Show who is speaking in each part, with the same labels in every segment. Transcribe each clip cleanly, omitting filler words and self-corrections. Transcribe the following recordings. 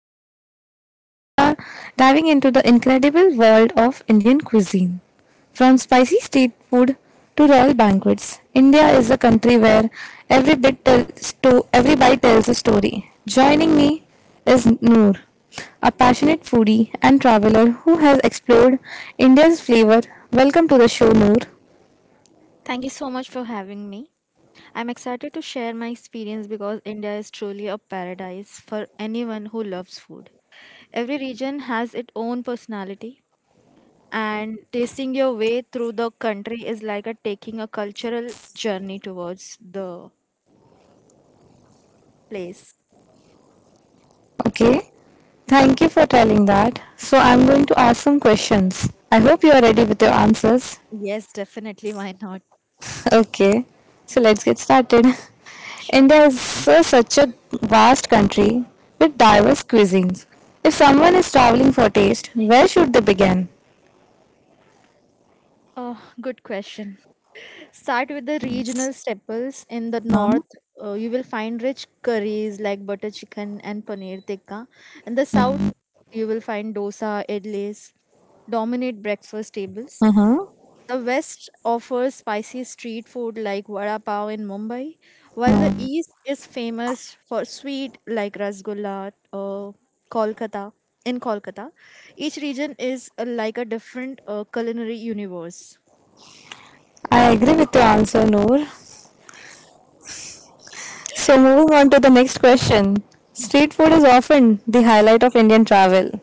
Speaker 1: Janvi, and today we are diving into the incredible world of Indian cuisine. From spicy street food to royal banquets, India is a country where every bite tells a story. Joining me is Noor, a passionate foodie and traveler who has explored India's flavor. Welcome to the show, Noor.
Speaker 2: Thank you so much for having me. I'm excited to share my experience because India is truly a paradise for anyone who loves food. Every region has its own personality, and tasting your way through the country is like a taking a cultural journey towards the place.
Speaker 1: Okay. Thank you for telling that. So I'm going to ask some questions. I hope you are ready with your answers.
Speaker 2: Yes, definitely. Why not?
Speaker 1: Okay. So let's get started.
Speaker 2: Sure.
Speaker 1: India is such a vast country with diverse cuisines. If someone is traveling for taste, where should they begin?
Speaker 2: Oh, good question. Start with the regional staples in the north. You will find rich curries like butter chicken and paneer tikka. In the south, you will find dosa, idlis, dominate breakfast tables. The west offers spicy street food like vada pav in Mumbai, while the
Speaker 1: Hmm,
Speaker 2: east is famous for sweet like rasgulla, Kolkata. In Kolkata, each region is like a different culinary universe.
Speaker 1: I agree with your answer, Noor. So moving on to the next question. Street food is often the highlight of Indian travel.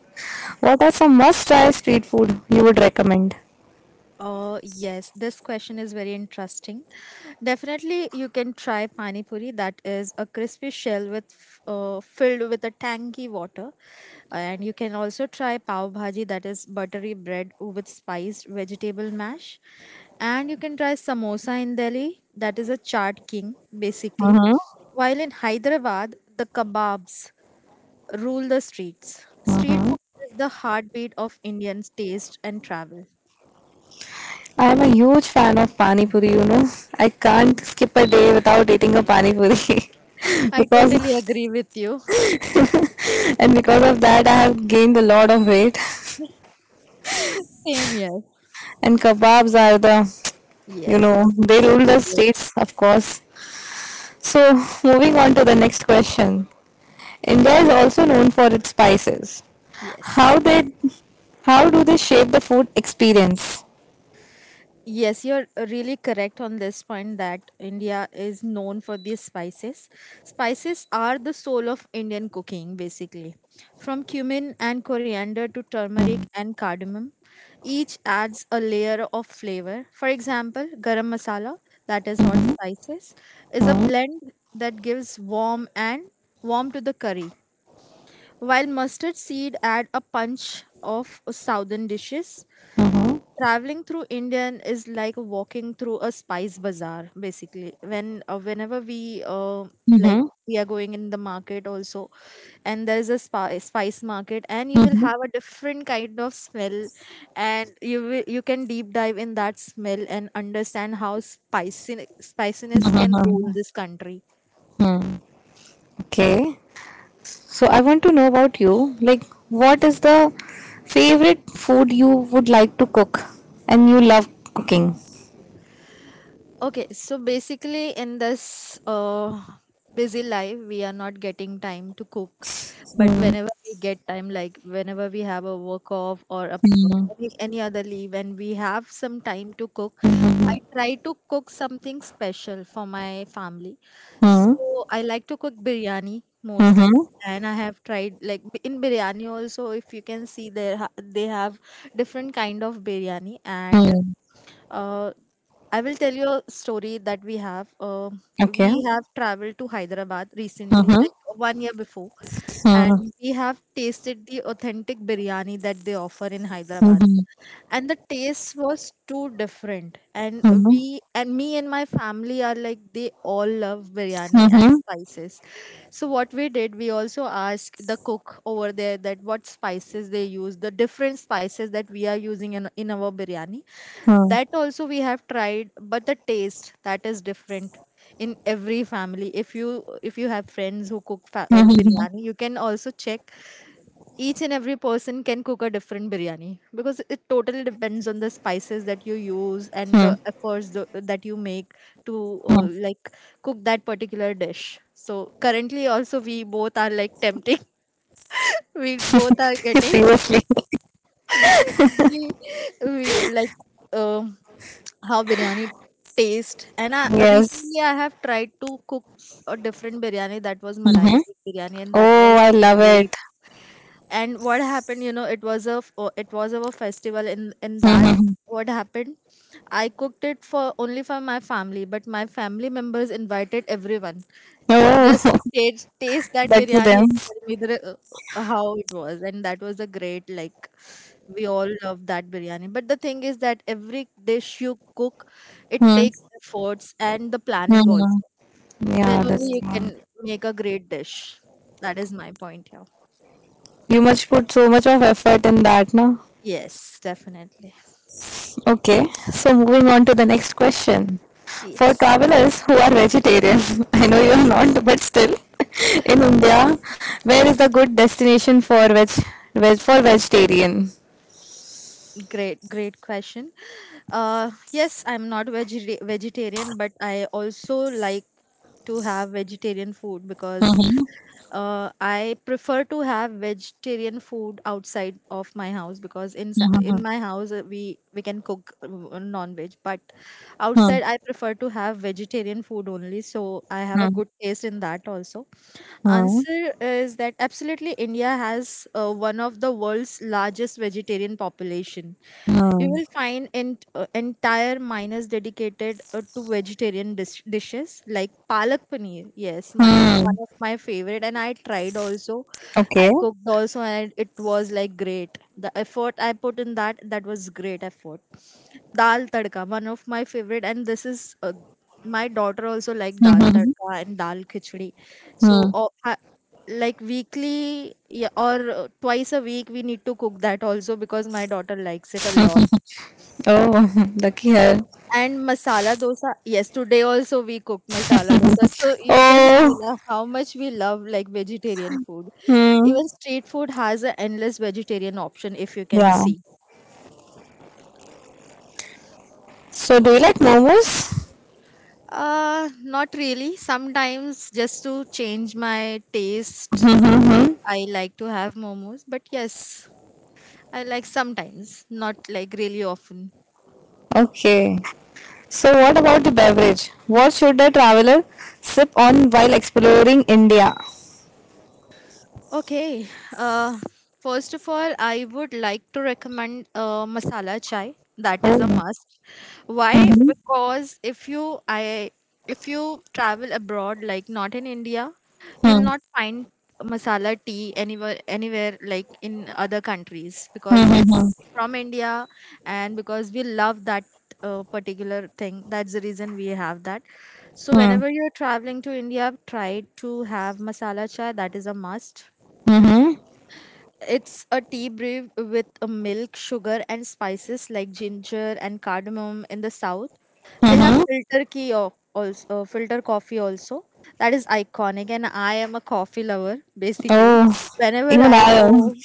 Speaker 1: What are some must-try street food you would recommend?
Speaker 2: Yes, this question is very interesting. Definitely, you can try pani puri. That is a crispy shell with filled with a tangy water, and you can also try pav bhaji. That is buttery bread with spiced vegetable mash, and you can try samosa in Delhi. That is a chaat king basically. While in Hyderabad, the kebabs rule the streets. Street food is the heartbeat of Indians' taste and travel.
Speaker 1: I am a huge fan of pani puri, you know. I can't skip a day without eating a pani puri.
Speaker 2: I totally
Speaker 1: Because
Speaker 2: agree with you.
Speaker 1: and because of that I have gained a lot of weight,
Speaker 2: Same here.
Speaker 1: and kebabs are the, you
Speaker 2: Yes,
Speaker 1: know,
Speaker 2: the most
Speaker 1: they rule the
Speaker 2: favorite.
Speaker 1: streets, of course. So, moving on to the next question. India is also known for its spices.
Speaker 2: Yes.
Speaker 1: How they how do they shape the food experience?
Speaker 2: Yes, you're really correct on this point that India is known for these spices. Spices are the soul of Indian cooking, basically. From cumin and coriander to turmeric and cardamom, each adds a layer of flavor. For example, garam masala, that is hot spices, is a blend that gives warm and warm to the curry. While mustard seed add a punch of southern dishes, traveling through Indian is like walking through a spice bazaar. Basically, whenever like
Speaker 1: Mhm.
Speaker 2: we are going in the market also, and there is a spice market, and you will have a different kind of smell, and you can deep dive in that smell and understand how spicy spiciness can rule this country.
Speaker 1: Okay. So I want to know about you. Like, what is the favorite food you would like to cook and you love cooking?
Speaker 2: Okay, so basically, in this busy life, we are not getting time to cook. But
Speaker 1: Hmm.
Speaker 2: whenever we get time, like whenever we have a work off or any other leave, and we have some time to cook, I
Speaker 1: Mm-hmm.
Speaker 2: try to cook something special for my family. So I like to cook biryani mostly. And I have tried like in biryani also. If you can see, they have different kind of biryani, and uh, I will tell you a story that we have. We
Speaker 1: Okay.
Speaker 2: have traveled to Hyderabad recently,
Speaker 1: Mm-hmm.
Speaker 2: like 1 year before,
Speaker 1: Hmm.
Speaker 2: and we have tasted the authentic biryani that they offer in Hyderabad. And the taste was too different. And me and my family are like they all love biryani and
Speaker 1: Hmm.
Speaker 2: spices. So what we did, we also asked the cook over there that what spices they use, the different spices that we are using in our biryani, that also we have tried, but the taste that is different in every family. If you have friends who cook fa- or
Speaker 1: Hmm.
Speaker 2: biryani, you can also check. Each and every person can cook a different biryani because
Speaker 1: Hmm.
Speaker 2: it totally depends on the spices that you use and the
Speaker 1: Hmm.
Speaker 2: efforts that you make to cook that particular dish. So currently also we both are like tempting. We both are
Speaker 1: Seriously.
Speaker 2: getting we, we like um how biryani taste. And
Speaker 1: Yes.
Speaker 2: recently I have tried to cook a different biryani, that was malai
Speaker 1: Mm-hmm.
Speaker 2: Sikh biryani, and that
Speaker 1: Oh,
Speaker 2: was
Speaker 1: I love
Speaker 2: great.
Speaker 1: it.
Speaker 2: And what happened, it was it was our festival in that.
Speaker 1: Mm-hmm.
Speaker 2: What happened, I cooked it for only for my family, but my family members invited everyone just to
Speaker 1: Oh,
Speaker 2: taste that
Speaker 1: lucky
Speaker 2: biryani
Speaker 1: them.
Speaker 2: and tell me how it was. And that was a great, like, we all love that biryani. But the thing is that every dish you cook, it takes
Speaker 1: Mm-hmm.
Speaker 2: efforts and the planning also,
Speaker 1: Yeah,
Speaker 2: then
Speaker 1: that's.
Speaker 2: only you can make a great dish. That is my point here.
Speaker 1: You must put so much of effort in that, na?
Speaker 2: Yes, definitely.
Speaker 1: Okay, so moving on to the next question. For
Speaker 2: Yes,
Speaker 1: travelers who are vegetarians, I know you are not, but still, in India, where is a good destination for veg for vegetarian?
Speaker 2: great, great question. Yes, I'm not vegetarian, but I also like to have vegetarian food, because
Speaker 1: Mhm,
Speaker 2: I prefer to have vegetarian food outside of my house, because in
Speaker 1: mhm,
Speaker 2: in my house we can cook non-veg, but
Speaker 1: mhm,
Speaker 2: outside I prefer to have vegetarian food only. So I have a
Speaker 1: mhm,
Speaker 2: good taste in that also. Answer is that absolutely India has one of the world's largest vegetarian population. You will
Speaker 1: mhm,
Speaker 2: find entire minors dedicated to vegetarian dishes like palak paneer. Yes, my
Speaker 1: mhm,
Speaker 2: one
Speaker 1: mhm.
Speaker 2: of my favorite, and I tried also.
Speaker 1: Okay.
Speaker 2: I cooked also, and it was like great. The effort I put in that, that was great effort. Dal tadka, one of my favorite, and this is my daughter also like dal
Speaker 1: Mhm,
Speaker 2: tadka and dal khichdi. So
Speaker 1: mhm.
Speaker 2: uh, I- like weekly, yeah, or twice a week we need to cook that also, because my daughter likes it a lot,
Speaker 1: Oh, lucky her.
Speaker 2: and masala dosa, yes, today also we cooked masala dosa. So you can see
Speaker 1: Oh.
Speaker 2: la, how much we love like vegetarian food.
Speaker 1: Hmm.
Speaker 2: Even street food has an endless vegetarian option, if you can
Speaker 1: Yeah.
Speaker 2: see.
Speaker 1: So, do you like momos?
Speaker 2: Not really. Sometimes just to change my taste,
Speaker 1: Mm-hmm.
Speaker 2: I like to have momos, but yes, I like sometimes, not like really often.
Speaker 1: Okay. So, what about the beverage? What should a traveler sip on while exploring India?
Speaker 2: Okay. Uh, First of all, I would like to recommend masala chai. That is a
Speaker 1: Oh.
Speaker 2: must. Why?
Speaker 1: Mm-hmm.
Speaker 2: Because if you travel abroad, like not in India, you'll not find masala tea anywhere like in other countries, because it's
Speaker 1: Mm-hmm.
Speaker 2: from India, and because we love that particular thing. That's the reason we have that. So whenever you're traveling to India, try to have masala chai. That is a must. It's a tea brew with a milk, sugar, and spices like ginger and cardamom. In the south, they have
Speaker 1: Mm-hmm.
Speaker 2: filter coffee also. That is iconic, and I am a coffee lover basically.
Speaker 1: Oh,
Speaker 2: Whenever
Speaker 1: even
Speaker 2: I
Speaker 1: I am.
Speaker 2: go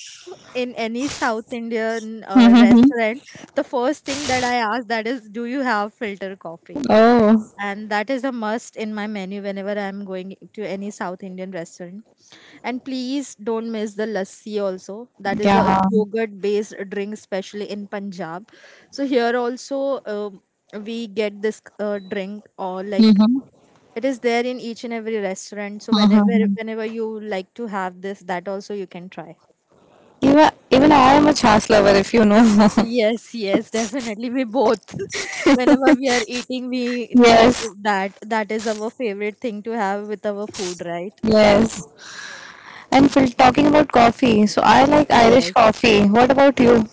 Speaker 2: in any South Indian
Speaker 1: Mm-hmm.
Speaker 2: restaurant, the first thing that I ask that is, "Do you have filter coffee?"
Speaker 1: Oh,
Speaker 2: And that is a must in my menu whenever I'm going to any South Indian restaurant. And please don't miss the lassi also. That is a
Speaker 1: yeah.
Speaker 2: yogurt based drink, especially in Punjab. So here also we get this drink, or like, it is there in each and every restaurant. So whenever
Speaker 1: Mm-hmm.
Speaker 2: whenever you like to have this, that also you can try.
Speaker 1: Even, even I am a chas lover, if you know.
Speaker 2: Yes, yes, definitely. We both. Whenever we are eating, we need
Speaker 1: Yes,
Speaker 2: that. That is our favorite thing to have with our food, right?
Speaker 1: yes. And for talking about coffee, so I like Irish
Speaker 2: Yes.
Speaker 1: coffee. What about you?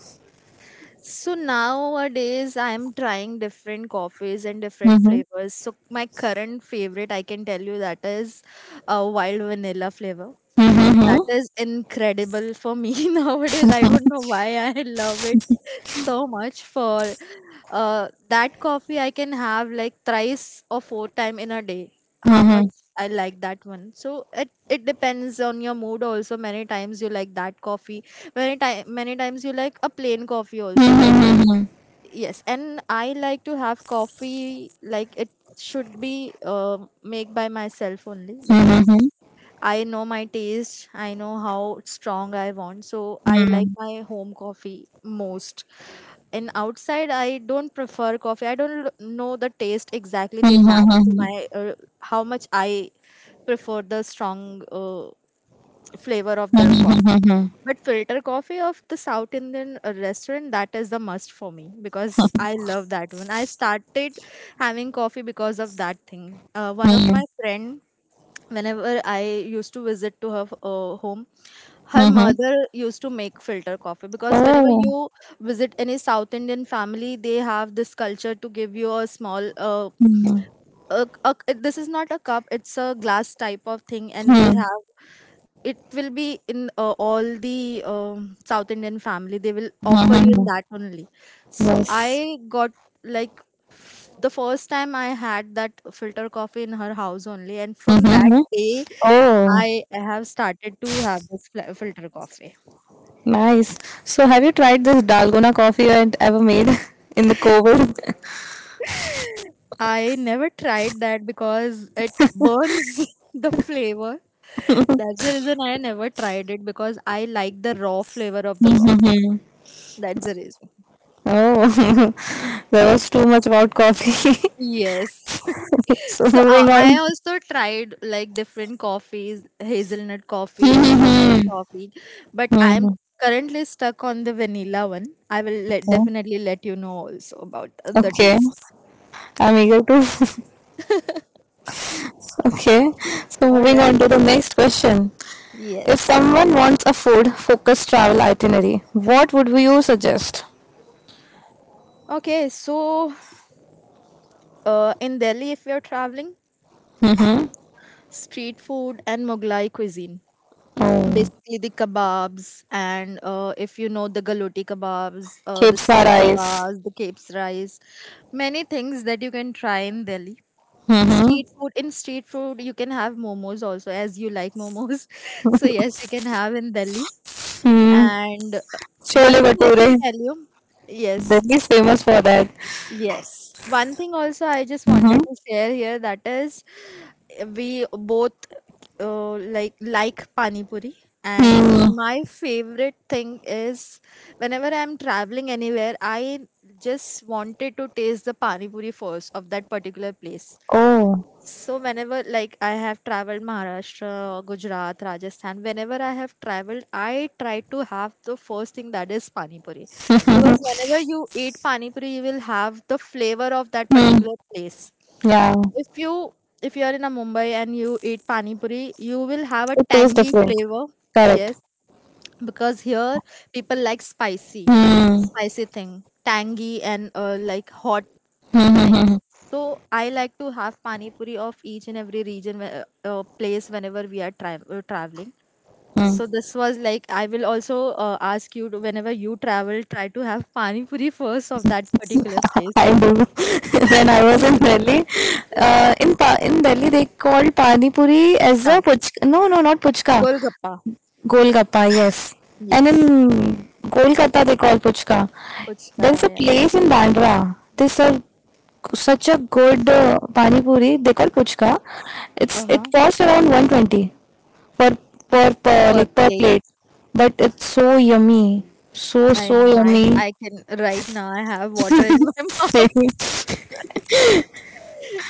Speaker 2: So nowadays, I'm trying different coffees and different
Speaker 1: Mm-hmm.
Speaker 2: flavors. So my current favorite, I can tell you, that is a wild vanilla flavor.
Speaker 1: Mm-hmm. Mm-hmm.
Speaker 2: That is incredible for me nowadays. I don't know why I love it so much. For that coffee, I can have like thrice or four time in a day. How much
Speaker 1: Mm-hmm.
Speaker 2: I like that one. So it depends on your mood also. Many times you like that coffee. Many times you like a plain coffee also, but
Speaker 1: Mm-hmm.
Speaker 2: yes, and I like to have coffee, like, it should be made by myself only, because I know my taste. I know how strong I want, so I like my home coffee most. And outside, I don't prefer coffee. I don't know the taste exactly. They match to
Speaker 1: Mm-hmm.
Speaker 2: my how much I prefer the strong flavor of the coffee.
Speaker 1: Mm-hmm.
Speaker 2: But filter coffee of the South Indian restaurant, that is the must for me, because I love that one. I started having coffee because of that thing. One of
Speaker 1: Mm,
Speaker 2: my friend, whenever I used to visit to her home, her
Speaker 1: mhm.
Speaker 2: mother used to make filter coffee. Because whenever
Speaker 1: Oh,
Speaker 2: you visit any South Indian family, they have this culture to give you a small,
Speaker 1: mm,
Speaker 2: this is not a cup, it's a glass type of thing, and they
Speaker 1: mm,
Speaker 2: have it will be in all the South Indian family. They will offer you in
Speaker 1: mhm.
Speaker 2: that only. So
Speaker 1: Yes.
Speaker 2: I got, like, the first time I had that filter coffee in her house only, and from that
Speaker 1: Mm-hmm.
Speaker 2: day I
Speaker 1: Oh,
Speaker 2: have started to have this filter coffee.
Speaker 1: nice. So, have you tried this dalgona coffee I ever made in the COVID?
Speaker 2: I never tried that because it burns the flavor. That's the reason I never tried it, because I like the raw flavor of the coffee.
Speaker 1: Mm-hmm.
Speaker 2: That's the reason.
Speaker 1: Oh, there was too much hot coffee.
Speaker 2: Yes.
Speaker 1: So,
Speaker 2: So
Speaker 1: moving on.
Speaker 2: I also tried like different coffees, hazelnut coffee and chocolate
Speaker 1: Mm-hmm.
Speaker 2: coffee, but I'm currently stuck on the vanilla one. Definitely let you know also about the
Speaker 1: Okay,
Speaker 2: taste.
Speaker 1: I'm eager to. Okay, so
Speaker 2: All
Speaker 1: moving on
Speaker 2: right.
Speaker 1: to the next question. If
Speaker 2: Yes.
Speaker 1: someone wants a food focused travel itinerary, what would you suggest?
Speaker 2: Okay, so in Delhi, if you're traveling,
Speaker 1: Mm-hmm.
Speaker 2: street food and Mughlai cuisine.
Speaker 1: Oh.
Speaker 2: Basically, the kebabs and if you know the galoti kebabs, the
Speaker 1: Khepsa
Speaker 2: seed
Speaker 1: rice.
Speaker 2: kebabs, the capes rice, many things that you can try in Delhi.
Speaker 1: Mm-hmm.
Speaker 2: Street food, you can have momos also, as you like momos. So yes, you can have in Delhi.
Speaker 1: Hmm.
Speaker 2: And
Speaker 1: Chole
Speaker 2: one thing I can
Speaker 1: bhature.
Speaker 2: tell you, yes,
Speaker 1: Delhi is famous for that.
Speaker 2: Yes. One thing also I just wanted
Speaker 1: Mm-hmm.
Speaker 2: to share here that is we both like pani puri, and
Speaker 1: Hmm.
Speaker 2: my favorite thing is whenever I'm traveling anywhere, I just wanted to taste the pani puri first of that particular place.
Speaker 1: Oh.
Speaker 2: So whenever, like, I have traveled Maharashtra, Gujarat, Rajasthan, whenever I have traveled, I try to have the first thing that is pani puri. Because whenever you eat pani puri, you will have the flavor of that
Speaker 1: Mm-hmm.
Speaker 2: particular place.
Speaker 1: Yeah.
Speaker 2: If you if you are in a Mumbai and you eat pani puri, you will have a
Speaker 1: It tastes
Speaker 2: tangy
Speaker 1: different.
Speaker 2: flavor. Yes,
Speaker 1: Correct.
Speaker 2: because here people like spicy,
Speaker 1: Mm-hmm.
Speaker 2: spicy thing, tangy, and like, hot things. So I like to have pani puri of each and every region, place, whenever we are traveling. So this was like, I will also ask you to, whenever you travel, try to have pani puri first of that particular place.
Speaker 1: I do. When I was in Delhi, in Delhi they called pani puri as
Speaker 2: Puchka,
Speaker 1: a puch. No, no, not puchka.
Speaker 2: Golgappa.
Speaker 1: Golgappa, yes. And in
Speaker 2: Yes,
Speaker 1: Kolkata, they call puchka.
Speaker 2: Puchka.
Speaker 1: There's a
Speaker 2: Yeah.
Speaker 1: place in Bandra. There's a such a good pani puri. They call puchka. It's
Speaker 2: Uh
Speaker 1: it
Speaker 2: huh.
Speaker 1: costs around 120 per per, per
Speaker 2: Per
Speaker 1: like per
Speaker 2: plate.
Speaker 1: plate, but it's so yummy, so
Speaker 2: I
Speaker 1: so
Speaker 2: know, I
Speaker 1: yummy.
Speaker 2: know. I can Right now I have water in my mouth.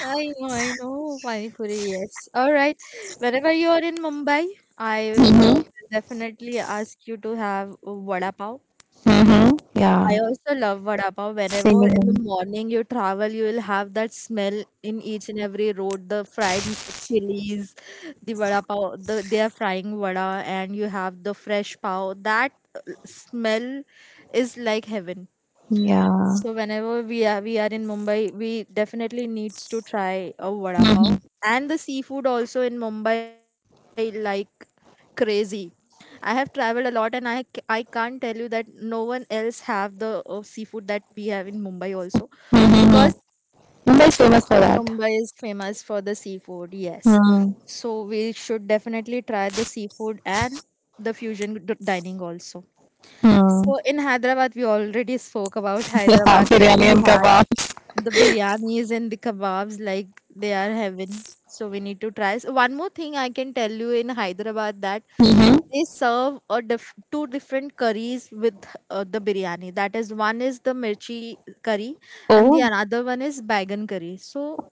Speaker 2: I know, I know. Pani puri, yes. All right. Whenever you are in Mumbai, I
Speaker 1: Mm-hmm.
Speaker 2: will definitely ask you to have vada pav.
Speaker 1: Mm-hmm. Yeah,
Speaker 2: I also love vada pav. Whenever in the
Speaker 1: same.
Speaker 2: morning you travel, you will have that smell in each and every road. The fried chilies, the vada pav, they are frying vada, and you have the fresh pav. That smell is like heaven.
Speaker 1: Yeah.
Speaker 2: So whenever we are in Mumbai, we definitely needs to try a vada pav,
Speaker 1: Mm-hmm.
Speaker 2: and the seafood also in Mumbai, like, crazy. I have traveled a lot, and I can't tell you that no one else have the seafood that we have in Mumbai also, because
Speaker 1: Mm-hmm. Mumbai is famous for that.
Speaker 2: Mumbai is famous for the seafood. Yes.
Speaker 1: Hmm.
Speaker 2: So we should definitely try the seafood and the fusion dining also.
Speaker 1: Hmm.
Speaker 2: So in Hyderabad, we already spoke about
Speaker 1: हाँ
Speaker 2: Hyderabad that
Speaker 1: biryani
Speaker 2: we
Speaker 1: and
Speaker 2: had
Speaker 1: kebab.
Speaker 2: the biryanis and the kebabs, like they are heaven, so we need to try. So one more thing I can tell you in Hyderabad, that
Speaker 1: hmm.
Speaker 2: they serve a two different curries with the biryani. That is, one is the mirchi curry and the
Speaker 1: Oh.
Speaker 2: another one is baigan curry, so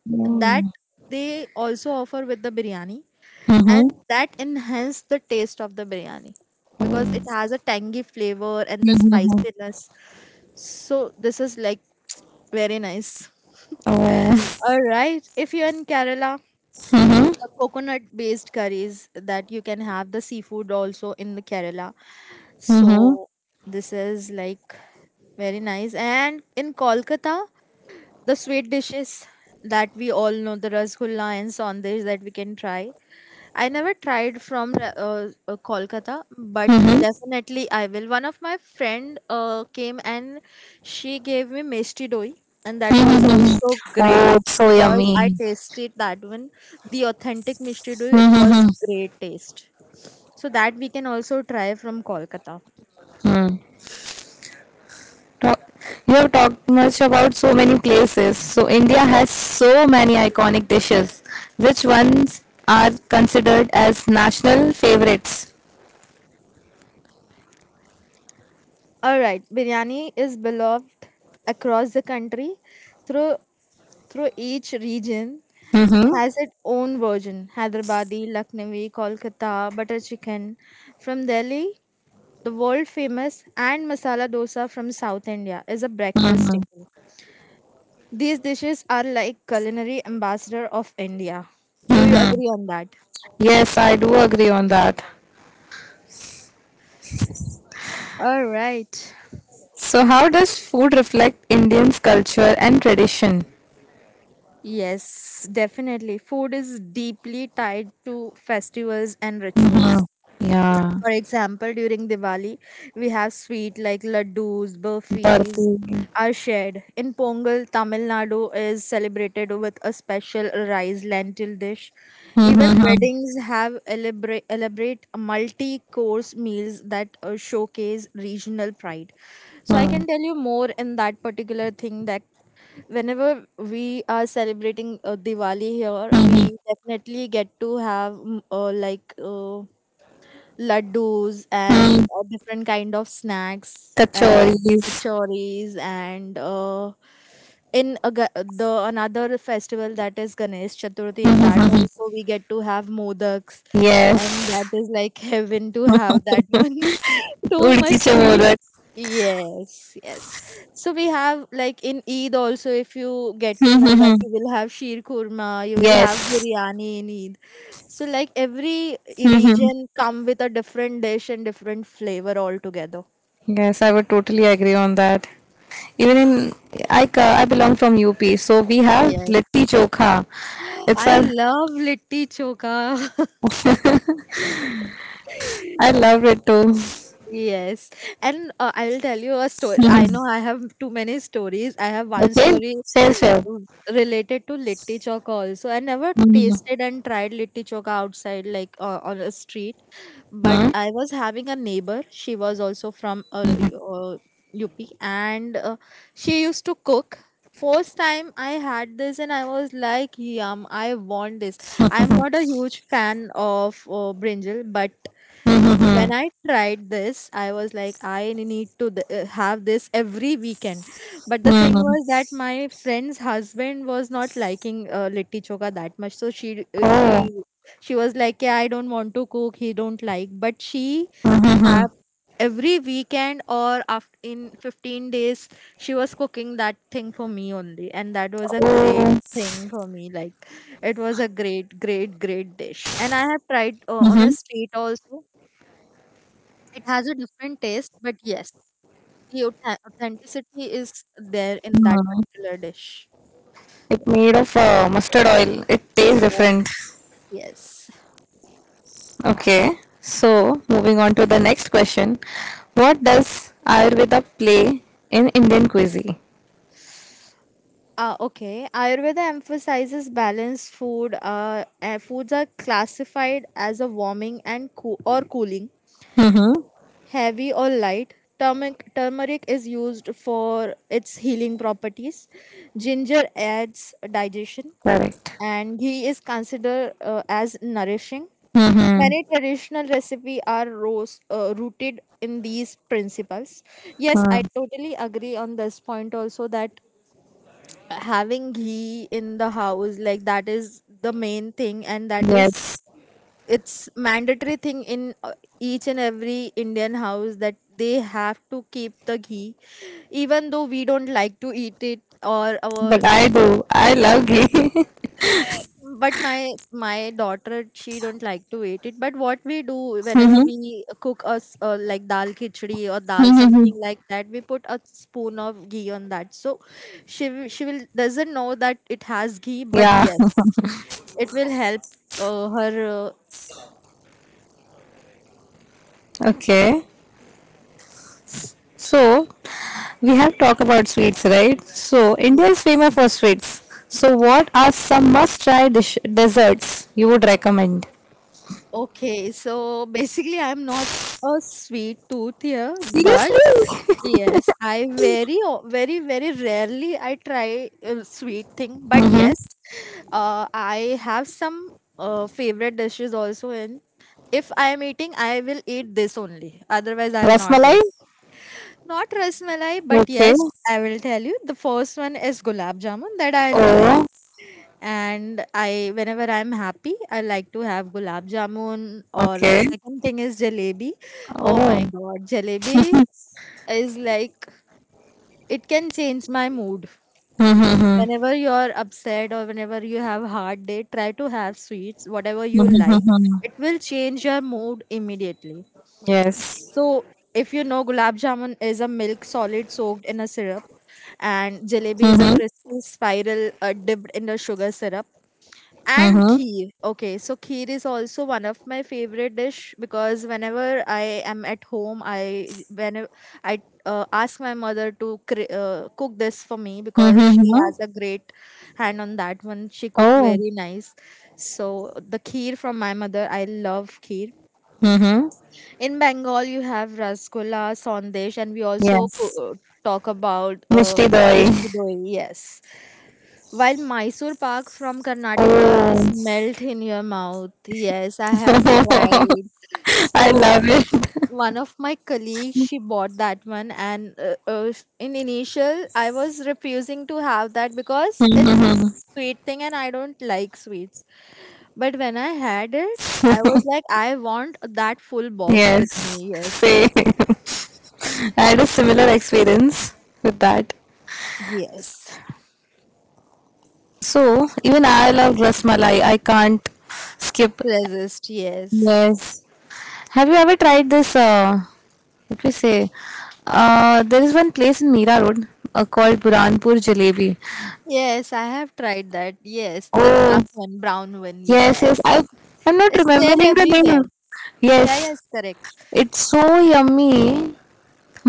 Speaker 2: that
Speaker 1: Mm.
Speaker 2: they also offer with the biryani,
Speaker 1: Mhm.
Speaker 2: and that enhanced the taste of the biryani because it has a tangy flavor and the
Speaker 1: Mhm.
Speaker 2: spiciness. So this is like very nice.
Speaker 1: Oh.
Speaker 2: All right. If you're in Kerala,
Speaker 1: Mhm.
Speaker 2: the coconut based curries that you can have, the seafood also in the Kerala.
Speaker 1: Mhm.
Speaker 2: So this is like very nice. And in Kolkata, the sweet dishes that we all know, the rasgulla and saunders that we can try. I never tried from Kolkata, but
Speaker 1: Mhm.
Speaker 2: definitely I will. One of my friend came, and she gave me misti doi, and that was
Speaker 1: Mhm.
Speaker 2: also
Speaker 1: Oh,
Speaker 2: great
Speaker 1: it's so
Speaker 2: because I
Speaker 1: yummy.
Speaker 2: tasted that one, the authentic misti doi. It was
Speaker 1: Mhm.
Speaker 2: great taste. So that we can also try from Kolkata.
Speaker 1: Mhm. Talk- You have talked much about so many places. So India has so many iconic dishes. Which ones are considered as national favorites?
Speaker 2: All right, biryani is beloved across the country. Through through each region
Speaker 1: Mm-hmm.
Speaker 2: has its own version. Hyderabadi, Lucknowi, Kolkata, butter chicken from Delhi, the world famous, and masala dosa from South India is a breakfast staple. These dishes are like culinary ambassador of India. Do you agree on that?
Speaker 1: Yes, I do agree on that.
Speaker 2: All right.
Speaker 1: So how does food reflect Indians' culture and tradition?
Speaker 2: Yes, definitely. Food is deeply tied to festivals and
Speaker 1: Mm-hmm.
Speaker 2: rituals.
Speaker 1: Yeah.
Speaker 2: For example, during Diwali, we have sweet like laddus,
Speaker 1: Barfi.
Speaker 2: burfis are shared. In Pongal, Tamil Nadu is celebrated with a special rice lentil dish. Even weddings have elaborate, elaborate multi-course meals that showcase regional pride. So I can tell you more in that particular thing that whenever we are celebrating Diwali here, we definitely get to have laddus, and different kind of snacks, and
Speaker 1: Kachoris.
Speaker 2: kachoris, and the another festival that is Ganesh Chaturthi. In that also we get to have modaks, and
Speaker 1: Yes.
Speaker 2: that is like heaven to have that one. Too
Speaker 1: Urki
Speaker 2: much
Speaker 1: se
Speaker 2: sweet,
Speaker 1: modak.
Speaker 2: yes, yes. So we have, like, in Eid also, if you get to know, that you will have sheer kurma, you will have
Speaker 1: Yes.
Speaker 2: biryani in Eid. So, like, every region come with a different dish and different flavor altogether.
Speaker 1: Yes, I would totally agree on that. Even in I belong from UP, so we have
Speaker 2: Yes.
Speaker 1: litti chokha.
Speaker 2: I
Speaker 1: It's our
Speaker 2: love litti choka.
Speaker 1: I love it too.
Speaker 2: Yes, and I will tell you a story. I know I have too many stories. I have one
Speaker 1: Okay,
Speaker 2: story
Speaker 1: share share.
Speaker 2: related to litti choka also. I never tasted and tried litti choka outside, like, on a street. But I was having a neighbor. She was also from UP, and she used to cook. First time I had this, and I was like, "Yum! I want this." I'm not a huge fan of brinjal, but when I tried this, I was like, I need to have this every weekend. But the thing was that my friend's husband was not liking litti choka that much, so she uh, she
Speaker 1: Oh,
Speaker 2: she was like, yeah, I don't want to cook, he don't like. But she have every weekend, or after in 15 days she was cooking that thing for me only, and that was a great
Speaker 1: oh,
Speaker 2: thing for me. Like, it was a great, great, great dish. And I have tried on a street also. It has a different taste, but yes, the authenticity is there in that particular dish.
Speaker 1: it's made of mustard oil. It tastes
Speaker 2: Yes.
Speaker 1: different.
Speaker 2: Yes.
Speaker 1: Okay, so moving on to the next question. What does Ayurveda play in Indian cuisine?
Speaker 2: Okay. Ayurveda emphasizes balanced food. Foods are classified as a warming and or cooling,
Speaker 1: Mm-hmm.
Speaker 2: heavy or light. Turmeric is used for its healing properties. Ginger adds digestion,
Speaker 1: Correct.
Speaker 2: and he is considered as nourishing. Many
Speaker 1: Mm-hmm.
Speaker 2: traditional recipes are rooted in these principles. Yes, I totally agree on this point also, that having ghee in the house, like, that is the main thing, and that is
Speaker 1: Yes.
Speaker 2: it's mandatory thing in each and every Indian house, that they have to keep the ghee, even though we don't like to eat it. Or our,
Speaker 1: But I do. I love ghee.
Speaker 2: but my daughter, she don't like to eat it. But what we do, whenever we cook us, like, dal khichdi or dal
Speaker 1: Mm-hmm.
Speaker 2: something like that, we put a spoon of ghee on that, so she will doesn't know that it has ghee. But
Speaker 1: Yeah.
Speaker 2: yes, it will help her
Speaker 1: Okay. So we have talked about sweets, right? So India is famous for sweets. So what are some must-try desserts you would recommend?
Speaker 2: Okay, so basically, I'm not a sweet tooth here, but
Speaker 1: Seriously?
Speaker 2: yes, I very, very rarely I try a sweet thing. But yes,
Speaker 1: Mm-hmm.
Speaker 2: I have some favorite dishes also. And if I am eating, I will eat this only. Otherwise, I'll not
Speaker 1: Rasmalai?
Speaker 2: eat. Not rasmalai, but
Speaker 1: Okay.
Speaker 2: yes, I will tell you. The first one is gulab jamun that I
Speaker 1: Oh,
Speaker 2: like, and I whenever I'm happy, I like to have gulab jamun. Or the
Speaker 1: okay.
Speaker 2: second thing is jalebi. Oh
Speaker 1: Oh.
Speaker 2: my god, jalebi is like, it can change my mood.
Speaker 1: Mm-hmm.
Speaker 2: Whenever you're upset or whenever you have hard day, try to have sweets, whatever you like.
Speaker 1: Mm-hmm.
Speaker 2: It will change your mood immediately.
Speaker 1: Yes.
Speaker 2: So if you know, gulab jamun is a milk solid soaked in a syrup, and
Speaker 1: Mm-hmm.
Speaker 2: jalebi is a crispy spiral dipped in the sugar syrup. And
Speaker 1: Mm-hmm.
Speaker 2: kheer. Okay, so kheer is also one of my favorite dish, because whenever I am at home, I when I ask my mother to cook this for me, because she
Speaker 1: Hmm.
Speaker 2: has a great hand on that one. She cook
Speaker 1: Oh.
Speaker 2: very nice. So the kheer from my mother, I love kheer.
Speaker 1: Hmm.
Speaker 2: In Bengal, you have rasgulla, sandesh, and we also
Speaker 1: Yes.
Speaker 2: talk about
Speaker 1: Mishti
Speaker 2: mishti
Speaker 1: Doi.
Speaker 2: doi. Yes. While Mysore Pak from Karnataka is
Speaker 1: Oh.
Speaker 2: melt in your mouth. Yes, I have tried.
Speaker 1: I
Speaker 2: So
Speaker 1: love it.
Speaker 2: one of my colleagues, she bought that one, and in initial I was refusing to have that, because it's a sweet thing and I don't like sweets. But when I had it, I was like, I want that full box with
Speaker 1: Yes.
Speaker 2: me. Yes.
Speaker 1: Same. I had a similar experience with that.
Speaker 2: Yes.
Speaker 1: So even I love rasmalai. I can't skip.
Speaker 2: Resist. Yes.
Speaker 1: Yes. Have you ever tried this? What we say? There is one place in Mira Road called Buranpur Jalebi.
Speaker 2: Yes, I have tried that. Yes, the
Speaker 1: Oh.
Speaker 2: dark one, brown one.
Speaker 1: Yes, yes.
Speaker 2: Yes.
Speaker 1: I I'm not
Speaker 2: It's there
Speaker 1: remembering the name.
Speaker 2: everywhere.
Speaker 1: Yes,
Speaker 2: Yeah, yes, correct.
Speaker 1: it's so yummy.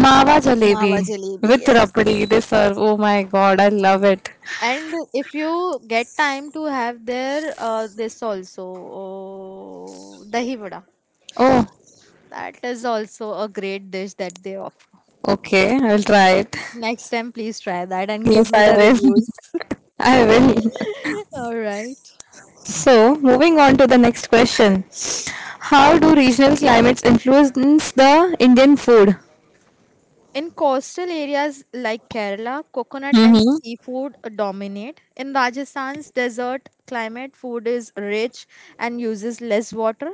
Speaker 1: Mawa jalebi
Speaker 2: Mawa jalebi,
Speaker 1: with
Speaker 2: yes.
Speaker 1: rabdi they serve. Oh my god, I love it.
Speaker 2: And if you get time to have there this also, oh, dahi vada.
Speaker 1: Oh,
Speaker 2: That is also a great dish that they offer.
Speaker 1: okay, I'll try it.
Speaker 2: Next time, please try that and give
Speaker 1: Yes,
Speaker 2: me
Speaker 1: I
Speaker 2: the
Speaker 1: will.
Speaker 2: reviews.
Speaker 1: I will.
Speaker 2: All right.
Speaker 1: So, moving on to the next question. How do regional climates influence the Indian food?
Speaker 2: In coastal areas like Kerala, coconut and
Speaker 1: Mhm.
Speaker 2: seafood dominate. In Rajasthan's desert climate, food is rich and uses less water.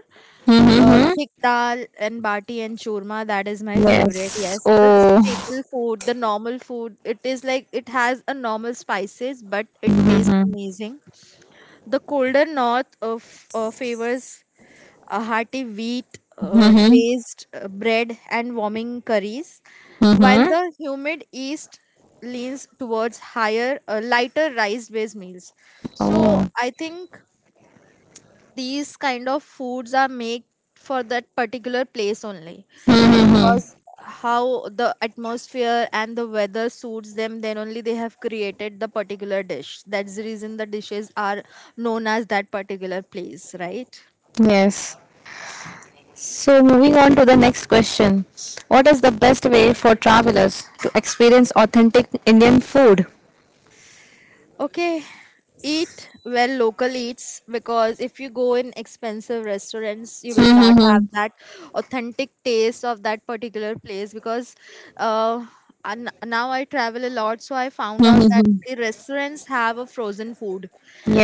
Speaker 1: Mhm.
Speaker 2: Thick dal and bati and churma, that is my favorite.
Speaker 1: Yes.
Speaker 2: Yes, the
Speaker 1: Oh.
Speaker 2: staple food, the normal food. It is like, it has a normal spices, but it tastes
Speaker 1: Mhm.
Speaker 2: amazing. The colder north favors a hearty wheat
Speaker 1: Mhm.
Speaker 2: based bread and warming curries, while
Speaker 1: Mhm.
Speaker 2: the humid east leans towards lighter rice based meals. So
Speaker 1: Oh.
Speaker 2: I think these kind of foods are made for that particular place only
Speaker 1: Mhm.
Speaker 2: because how the atmosphere and the weather suits them then only they have created the particular dish. That's the reason the dishes are known as that particular place, right?
Speaker 1: Yes. So, moving on to the next question. What is the best way for travelers to experience authentic Indian food?
Speaker 2: Okay, eat well local eats, because if you go in expensive restaurants, you will not have
Speaker 1: Hmm.
Speaker 2: that authentic taste of that particular place because uh, and now I travel a lot, so I found out that
Speaker 1: Hmm.
Speaker 2: the restaurants have a frozen food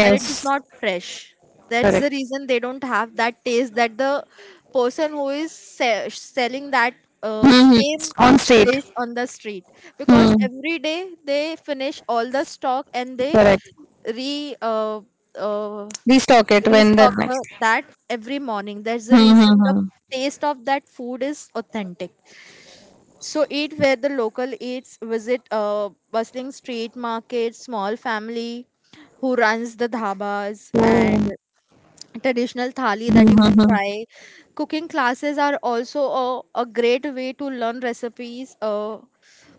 Speaker 2: and it is not fresh. That's
Speaker 1: correct.
Speaker 2: the reason they don't have that taste that the person who is selling that
Speaker 1: Hmm.
Speaker 2: same
Speaker 1: On street,
Speaker 2: dish on the street,
Speaker 1: hmm,
Speaker 2: because every day they finish all the stock and they
Speaker 1: correct.
Speaker 2: re uh,
Speaker 1: We talk it when the
Speaker 2: restock
Speaker 1: next.
Speaker 2: that every morning. There's a reason the
Speaker 1: Hmm.
Speaker 2: taste of that food is authentic. So eat where the local eats, visit bustling street markets, small family who runs the dhabas, and
Speaker 1: Oh.
Speaker 2: traditional thali that you can
Speaker 1: Hmm.
Speaker 2: try. Cooking classes are also a great way to learn recipes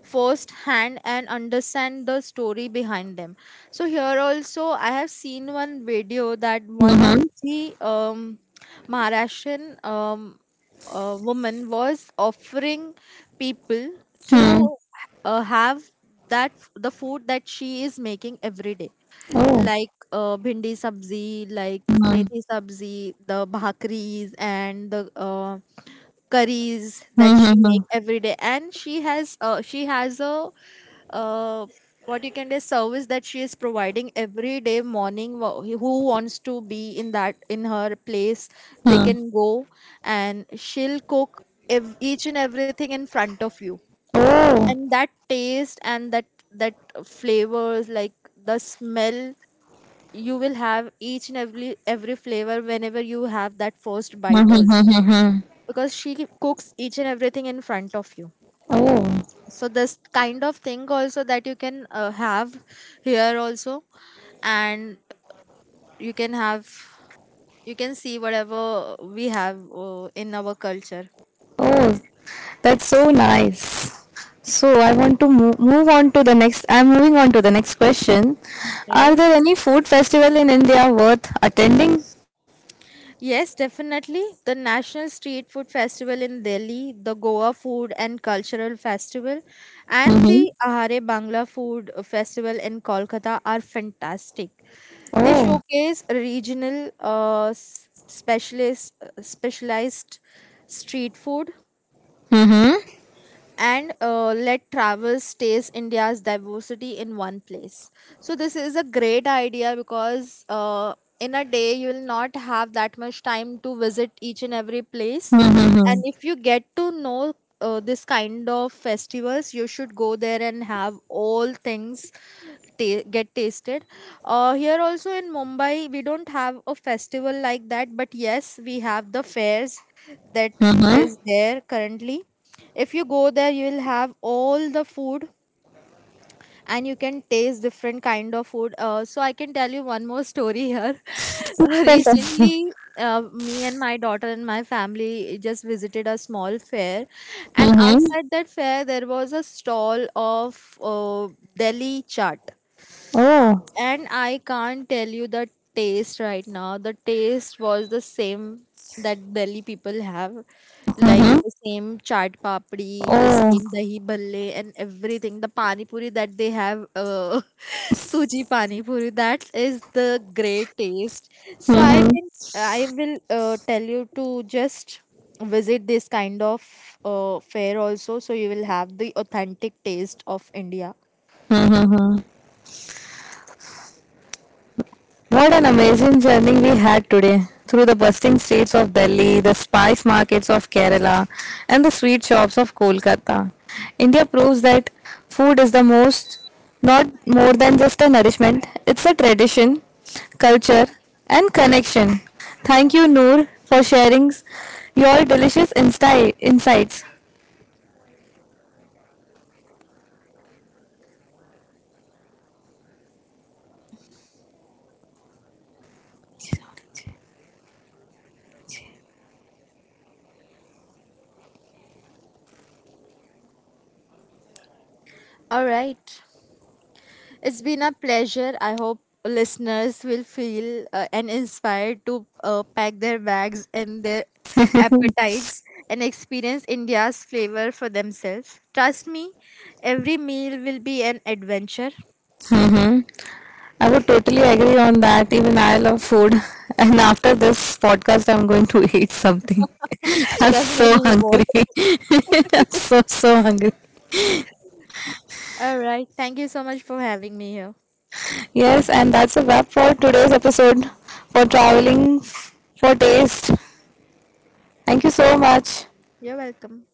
Speaker 2: first hand and understand the story behind them. So here also I have seen one video that one of
Speaker 1: Hmm.
Speaker 2: the maharashtrian woman was offering people to have the food that she is making every day,
Speaker 1: Oh.
Speaker 2: like bhindi sabzi, like
Speaker 1: Hmm.
Speaker 2: methi sabzi, the bhakris and the curries that she make every day. And she has a uh, what you can say service that she is providing every day morning. Who wants to be in that, in her place, they can go and she'll cook each and everything in front of you,
Speaker 1: Oh.
Speaker 2: and that taste and that flavors, like the smell, you will have each and every flavor whenever you have that first bite also,
Speaker 1: Hmm.
Speaker 2: because she cooks each and everything in front of you.
Speaker 1: Oh.
Speaker 2: So this kind of thing also that you can have here also, and you can have, you can see whatever we have in our culture.
Speaker 1: Oh. That's so nice. So I want to move on to the next. I'm moving on to the next question. Are there
Speaker 2: Yes.
Speaker 1: any food festival in India worth attending?
Speaker 2: Yes, definitely. The National Street Food Festival in Delhi, the Goa Food and Cultural Festival, and
Speaker 1: Mm-hmm.
Speaker 2: the Ahare Bangla Food Festival in Kolkata are fantastic. They
Speaker 1: Oh.
Speaker 2: showcase regional specialized street food
Speaker 1: Mm-hmm.
Speaker 2: and let traverse stays India's diversity in one place. So this is a great idea because in a day you will not have that much time to visit each and every place, and
Speaker 1: Mm-hmm.
Speaker 2: if you get to know this kind of festivals you should go there and have all things get tasted. Here also in Mumbai we don't have a festival like that, but yes we have the fairs that is
Speaker 1: Well,
Speaker 2: there currently. If you go there you will have all the food, and you can taste different kind of food. So I can tell you one more story here.
Speaker 1: that's.
Speaker 2: Recently me and my daughter and my family just visited a small fair, and
Speaker 1: Mm-hmm.
Speaker 2: outside that fair there was a stall of Delhi chaat,
Speaker 1: Oh.
Speaker 2: and I can't tell you the taste right now. The taste was the same that Delhi people have, like
Speaker 1: Mm-hmm.
Speaker 2: the same chaat papdi, the
Speaker 1: Oh.
Speaker 2: same dahi bhalle, and everything. The pani puri that they have, suji pani puri, that is the great taste. So I
Speaker 1: Mm-hmm.
Speaker 2: can, I will tell you to just visit this kind of fair also, so you will have the authentic taste of India.
Speaker 1: What an amazing journey we had today through the bustling streets of Delhi, the spice markets of Kerala, and the sweet shops of Kolkata. India proves that food is the most, not more than just a nourishment. It's a tradition, culture, and connection. Thank you, Noor, for sharing your delicious insights.
Speaker 2: All right. It's been a pleasure. I hope listeners will feel and inspired to pack their bags and their appetites and experience India's flavor for themselves. Trust me, every meal will be an adventure.
Speaker 1: I would totally agree on that. Even I love food. And after this podcast, I'm going to eat something. I'm so
Speaker 2: Definitely, we both.
Speaker 1: hungry. I'm so, so hungry.
Speaker 2: All right. Thank you so much for having me here.
Speaker 1: Yes, and that's a wrap for today's episode for traveling for taste. Thank you so much.
Speaker 2: You're welcome.